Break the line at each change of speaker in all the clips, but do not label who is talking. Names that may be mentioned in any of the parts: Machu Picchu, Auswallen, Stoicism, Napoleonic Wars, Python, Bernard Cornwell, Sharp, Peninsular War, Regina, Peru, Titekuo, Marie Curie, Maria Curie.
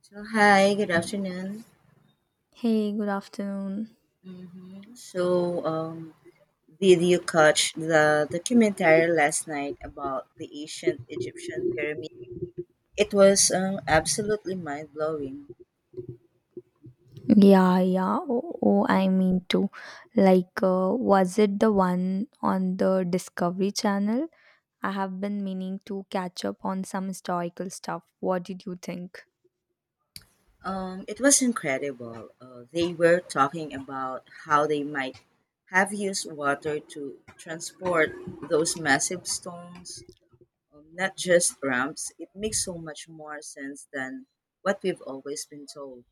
So hi, good afternoon.
Hey, good afternoon.
hmm So, um, did you catch the documentary last night about the ancient Egyptian pyramid? It was absolutely mind blowing.
Yeah, yeah. Oh, oh, I mean to. Was it the one on the Discovery Channel? I have been meaning to catch up on some historical stuff. What did you think?
It was incredible. They were talking about how they might have used water to transport those massive stones, not just ramps. It makes so much more sense than what we've always been told.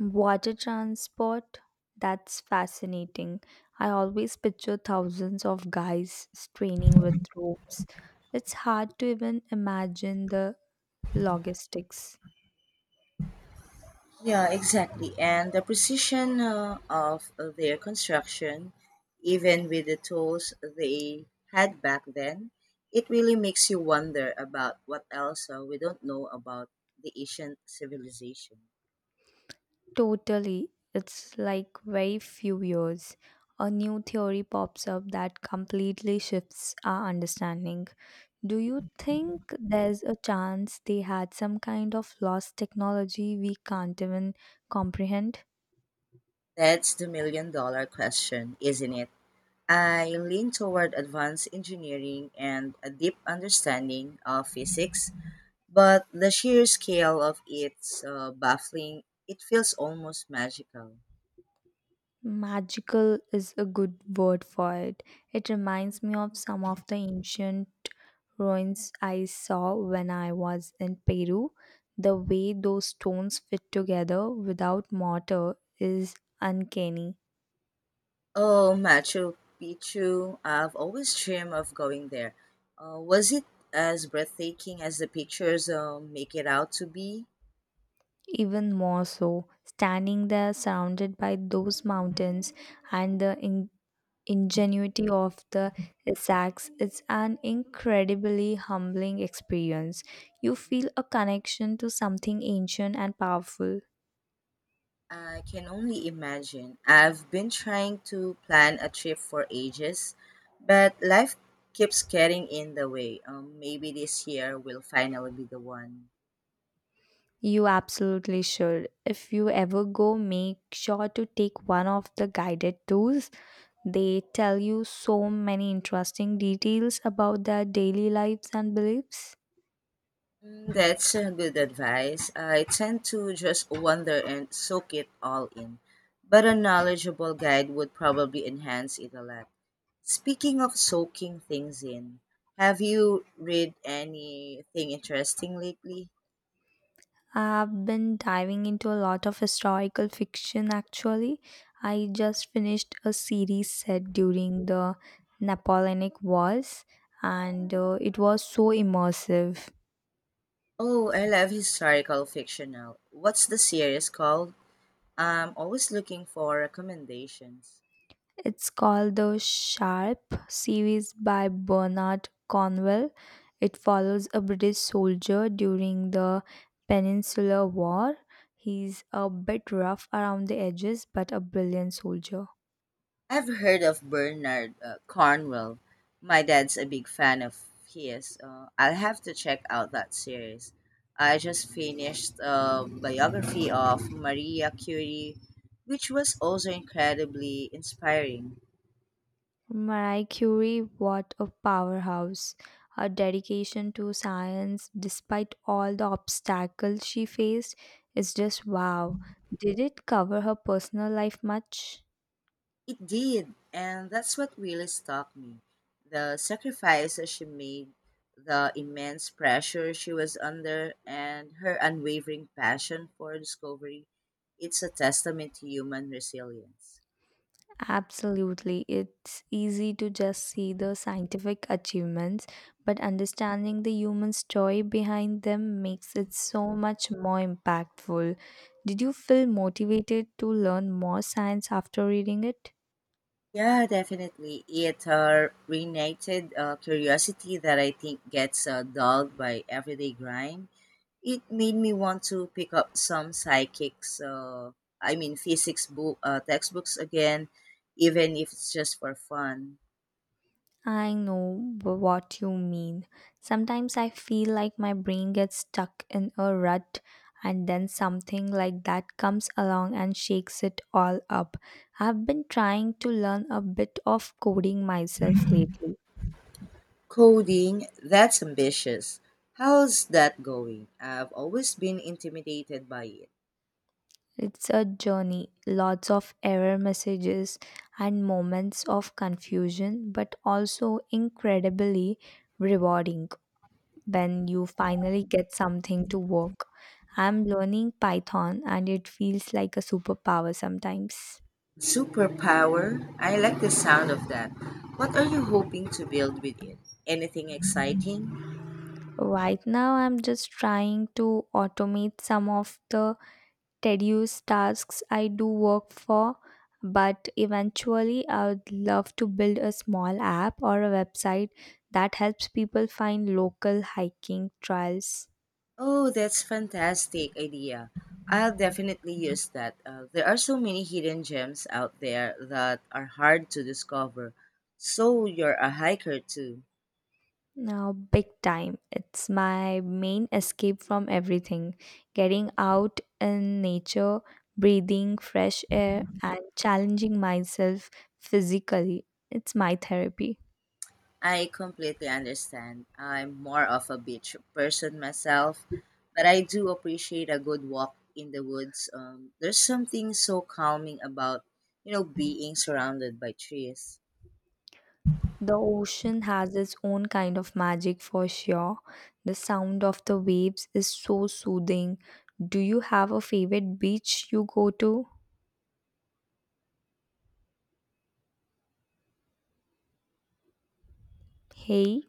Water transport? That's fascinating. I always picture thousands of guys straining with ropes. It's hard to even imagine the logistics.
Yeah, exactly. And the precision of their construction, even with the tools they had back then, it really makes you wonder about what else we don't know about the ancient civilization.
Totally. It's like very few years. A new theory pops up that completely shifts our understanding. Do you think there's a chance they had some kind of lost technology we can't even comprehend?
That's the million dollar question, isn't it? I lean toward advanced engineering and a deep understanding of physics, but the sheer scale of it's baffling. It feels almost magical.
Magical is a good word for it. It reminds me of some of the ancient ruins I saw when I was in Peru. The way those stones fit together without mortar is uncanny.
Oh, Machu Picchu. I've always dreamed of going there. Was it as breathtaking as the pictures make it out to be?
Even more so, standing there surrounded by those mountains and the ingenuity of the Essex, it's an incredibly humbling experience. You feel a connection to something ancient and powerful.
I can only imagine. I've been trying to plan a trip for ages, but life keeps getting in the way. Maybe this year will finally be the one.
You absolutely should. If you ever go, make sure to take one of the guided tours. They tell you so many interesting details about their daily lives and beliefs.
Mm, that's good advice. I tend to just wander and soak it all in, but a knowledgeable guide would probably enhance it a lot. Speaking of soaking things in, have you read anything interesting lately?
I've been diving into a lot of historical fiction actually. I just finished a series set during the Napoleonic Wars, and it was so immersive.
Oh, I love historical fiction now. What's the series called? I'm always looking for recommendations.
It's called the Sharp series by Bernard Cornwell. It follows a British soldier during the Peninsular War. He's a bit rough around the edges, but a brilliant soldier.
I've heard of Bernard Cornwell. My dad's a big fan of his. I'll have to check out that series. I just finished a biography of Maria Curie, which was also incredibly inspiring.
Marie Curie, what a powerhouse. Her dedication to science, despite all the obstacles she faced, is just wow. Did it cover her personal life much?
It did, and that's what really struck me. The sacrifices she made, the immense pressure she was under, and her unwavering passion for discovery. It's a testament to human resilience.
Absolutely. It's easy to just see the scientific achievements, but
Mhm.
understanding the human story behind them makes it so much more impactful. Did you feel motivated to learn more science after reading it?
Yeah, definitely. It reignited curiosity that I think gets dulled by everyday grind. It made me want to pick up some psychics, I mean physics textbooks again, even if it's just for fun.
I know what you mean. Sometimes I feel like my brain gets stuck in a rut, and then something like that comes along and shakes it all up. I've been trying to learn a bit of coding myself lately.
Coding, that's ambitious. How's that going? I've always been intimidated by it.
It's a journey, lots of error messages and moments of confusion, but also incredibly rewarding when you finally get something to work. I'm learning Python and it feels like a superpower sometimes.
Superpower, I like the sound of that. What are you hoping to build with it? Anything exciting?
Right now, I'm just trying to automate some of the tedious tasks I do work for, but eventually, I would love to build a small app or a website that helps people find local hiking trails.
Oh, that's fantastic idea. I'll definitely use that. There are so many hidden gems out there that are hard to discover. So you're a hiker too.
Now, big time. It's my main escape from everything. Getting out in nature, breathing fresh air, and challenging myself physically. It's my therapy.
I completely understand. I'm more of a beach person myself, but I do appreciate a good walk in the woods. There's something so calming about, being surrounded by trees.
The ocean has its own kind of magic for sure. The sound of the waves is so soothing. Do you have a favorite beach you go to? Hey,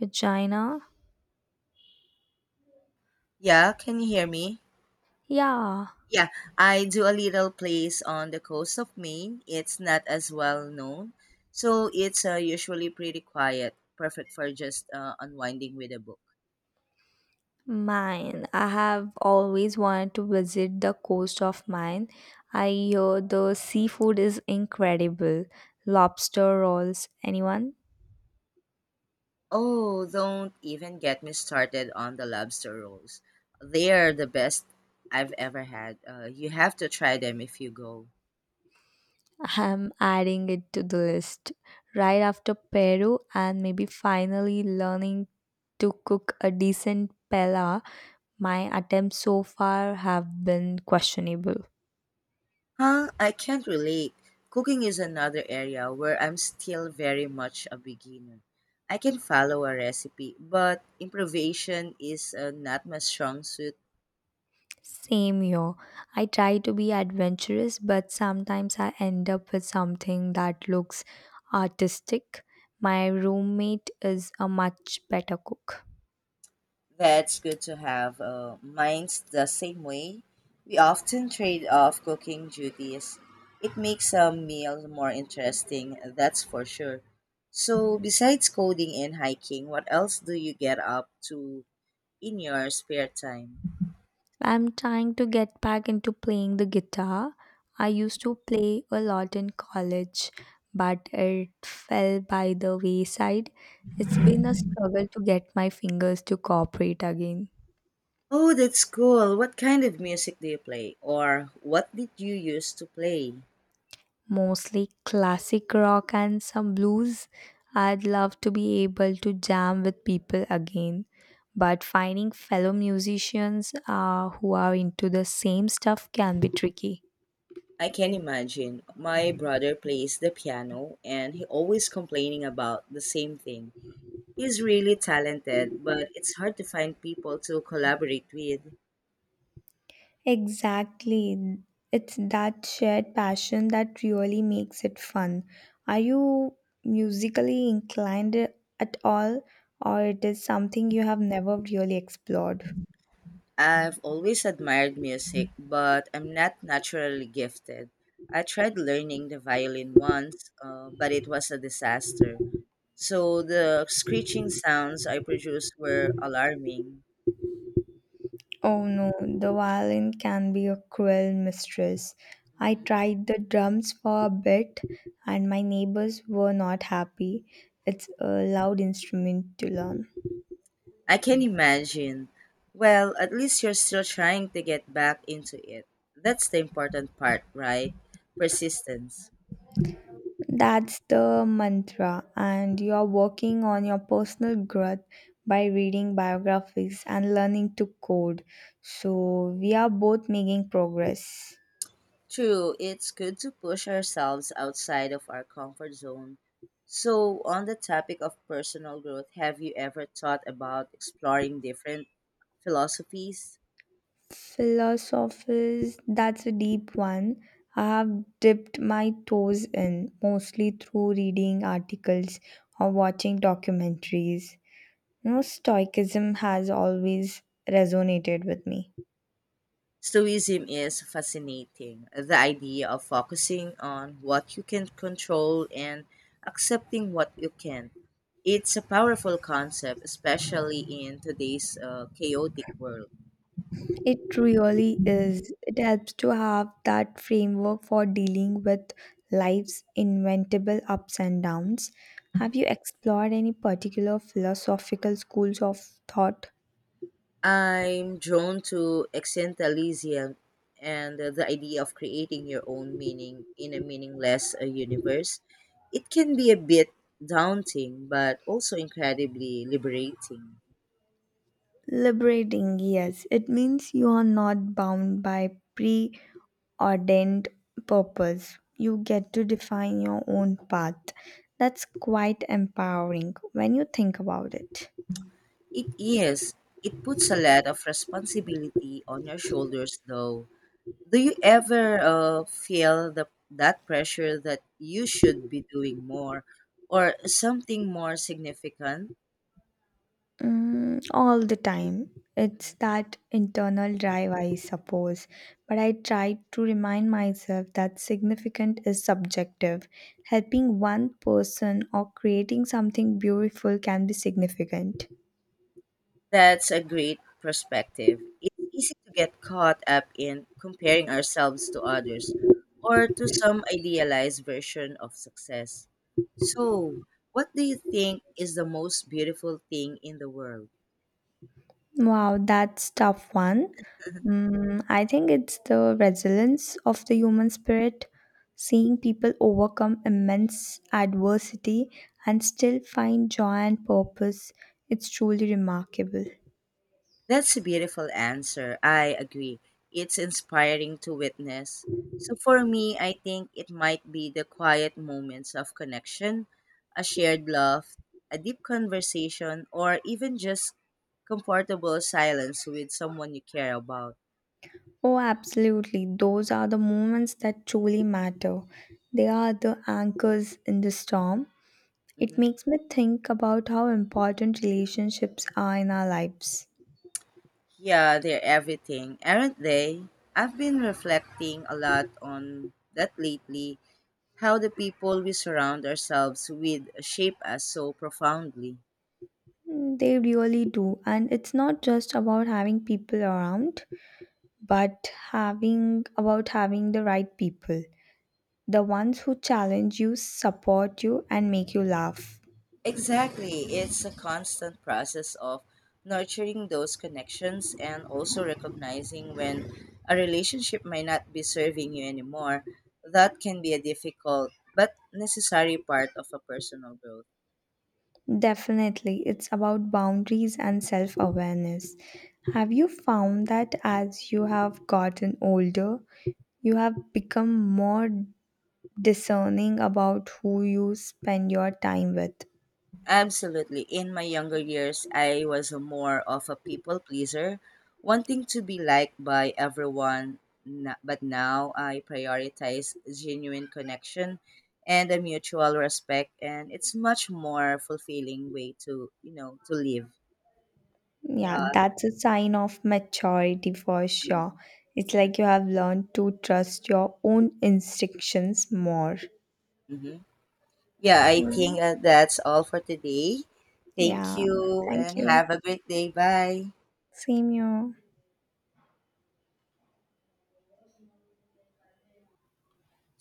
Regina?
Yeah, can you hear me?
Yeah.
Yeah, I do a little place on the coast of Maine. It's not as well known, so it's usually pretty quiet, perfect for just unwinding with a book.
Mine. I have always wanted to visit the coast of Mine. I hear the seafood is incredible. Lobster rolls. Anyone?
Oh, don't even get me started on the lobster rolls. They are the best I've ever had. You have to try them if you go.
I'm adding it to the list. Right after Peru, and maybe finally learning to cook a decent pella, my attempts so far have been questionable.
Huh? I can't relate. Cooking is another area where I'm still very much a beginner. I can follow a recipe, but improvisation is not my strong suit.
Same here. I try to be adventurous, but sometimes I end up with something that looks artistic. My roommate is a much better cook.
That's good to have minds the same way. We often trade off cooking duties. It makes a meal more interesting, that's for sure. So, besides coding and hiking, what else do you get up to in your spare time?
I'm trying to get back into playing the guitar. I used to play a lot in college, but it fell by the wayside. It's been a struggle to get my fingers to cooperate again.
Oh, that's cool. What kind of music do you play? Or what did you used to play?
Mostly classic rock and some blues. I'd love to be able to jam with people again, but finding fellow musicians who are into the same stuff can be tricky.
I can imagine. My brother plays the piano and he always complaining about the same thing. He's really talented, but it's hard to find people to collaborate with.
Exactly. It's that shared passion that really makes it fun. Are you musically inclined at all, or it is something you have never really explored?
I've always admired music, but I'm not naturally gifted. I tried learning the violin once, but it was a disaster. So the screeching sounds I produced were alarming.
Oh no, the violin can be a cruel mistress. I
Mm-hmm.
tried the drums for a bit and my neighbors were not happy. It's a loud instrument to learn.
I can imagine. Well, at least you're still trying to get back into it. That's the important part, right? Persistence.
That's the mantra, and you are working on your personal growth by reading biographies and learning to code. So, we are both making progress.
True, it's good to push ourselves outside of our comfort zone. So, on the topic of personal growth, have you ever thought about exploring different philosophies?
Philosophies, that's a deep one. I have dipped my toes in mostly through reading articles or watching documentaries. You know, Stoicism has always resonated with me.
Stoicism is fascinating. The idea of focusing on what you can control and accepting what you can't. It's a powerful concept, especially in today's chaotic world.
It really is. It helps to have that framework for dealing with life's inevitable ups and downs. Have you explored any particular philosophical schools of thought?
I'm drawn to existentialism and the idea of creating your own meaning in a meaningless universe. It can be a bit daunting, but also incredibly liberating.
Liberating, yes. It means you are not bound by preordained purpose. You
Mhm.
get to define your own path. That's quite empowering when you think about it.
It is. It puts a lot of responsibility on your shoulders, though. Do you ever feel that pressure that you should be doing more or something more significant?
All the time. It's
Mhm.
that internal drive, I suppose. But I try to remind myself that significant is subjective. Helping one person or creating something beautiful can be significant.
That's a great perspective. It's easy to get caught up in comparing ourselves to others or to some idealized version of success. So, what do you think is the most beautiful thing in the world?
Wow, that's tough one. I think it's the resilience of the human spirit, seeing people overcome immense adversity and still find joy and purpose. It's truly remarkable.
That's a beautiful answer. I agree. It's inspiring to witness. So for me, I think it might be the quiet moments of connection, a shared laugh, a deep conversation, or even just comfortable silence with someone you care about.
Oh, absolutely. Those are the moments that truly matter. They are the anchors in the storm. It
hmm
makes me think about how important relationships are in our lives.
Yeah, they're everything, aren't they? I've been reflecting a lot on that lately, how the people we surround ourselves with shape us so profoundly.
Mm, they really do. And it's not just about having people around, but having the right people. The ones who challenge you, support you, and make you laugh.
Exactly. It's a constant process of nurturing those connections and also recognizing when a relationship might not be serving you anymore. That can be a difficult but necessary part of a personal growth.
Definitely, it's about boundaries and self awareness. Have you found that as you have gotten older, you have become more discerning about who you spend your time with?
Absolutely. In my younger years, I was a more of a people pleaser, wanting to be liked by everyone. But now I prioritize genuine connection and a mutual respect, and it's much more fulfilling way to to live.
Yeah,
Yeah.
that's a sign of maturity for
Mhm.
sure. It's
Mhm.
like you have learned to trust your own instinctions more.
Mhm. Yeah. I
Mm.
think that's all for today. Thank
Yeah,
you,
thank
and
you.
have a great day. Bye.
Same you.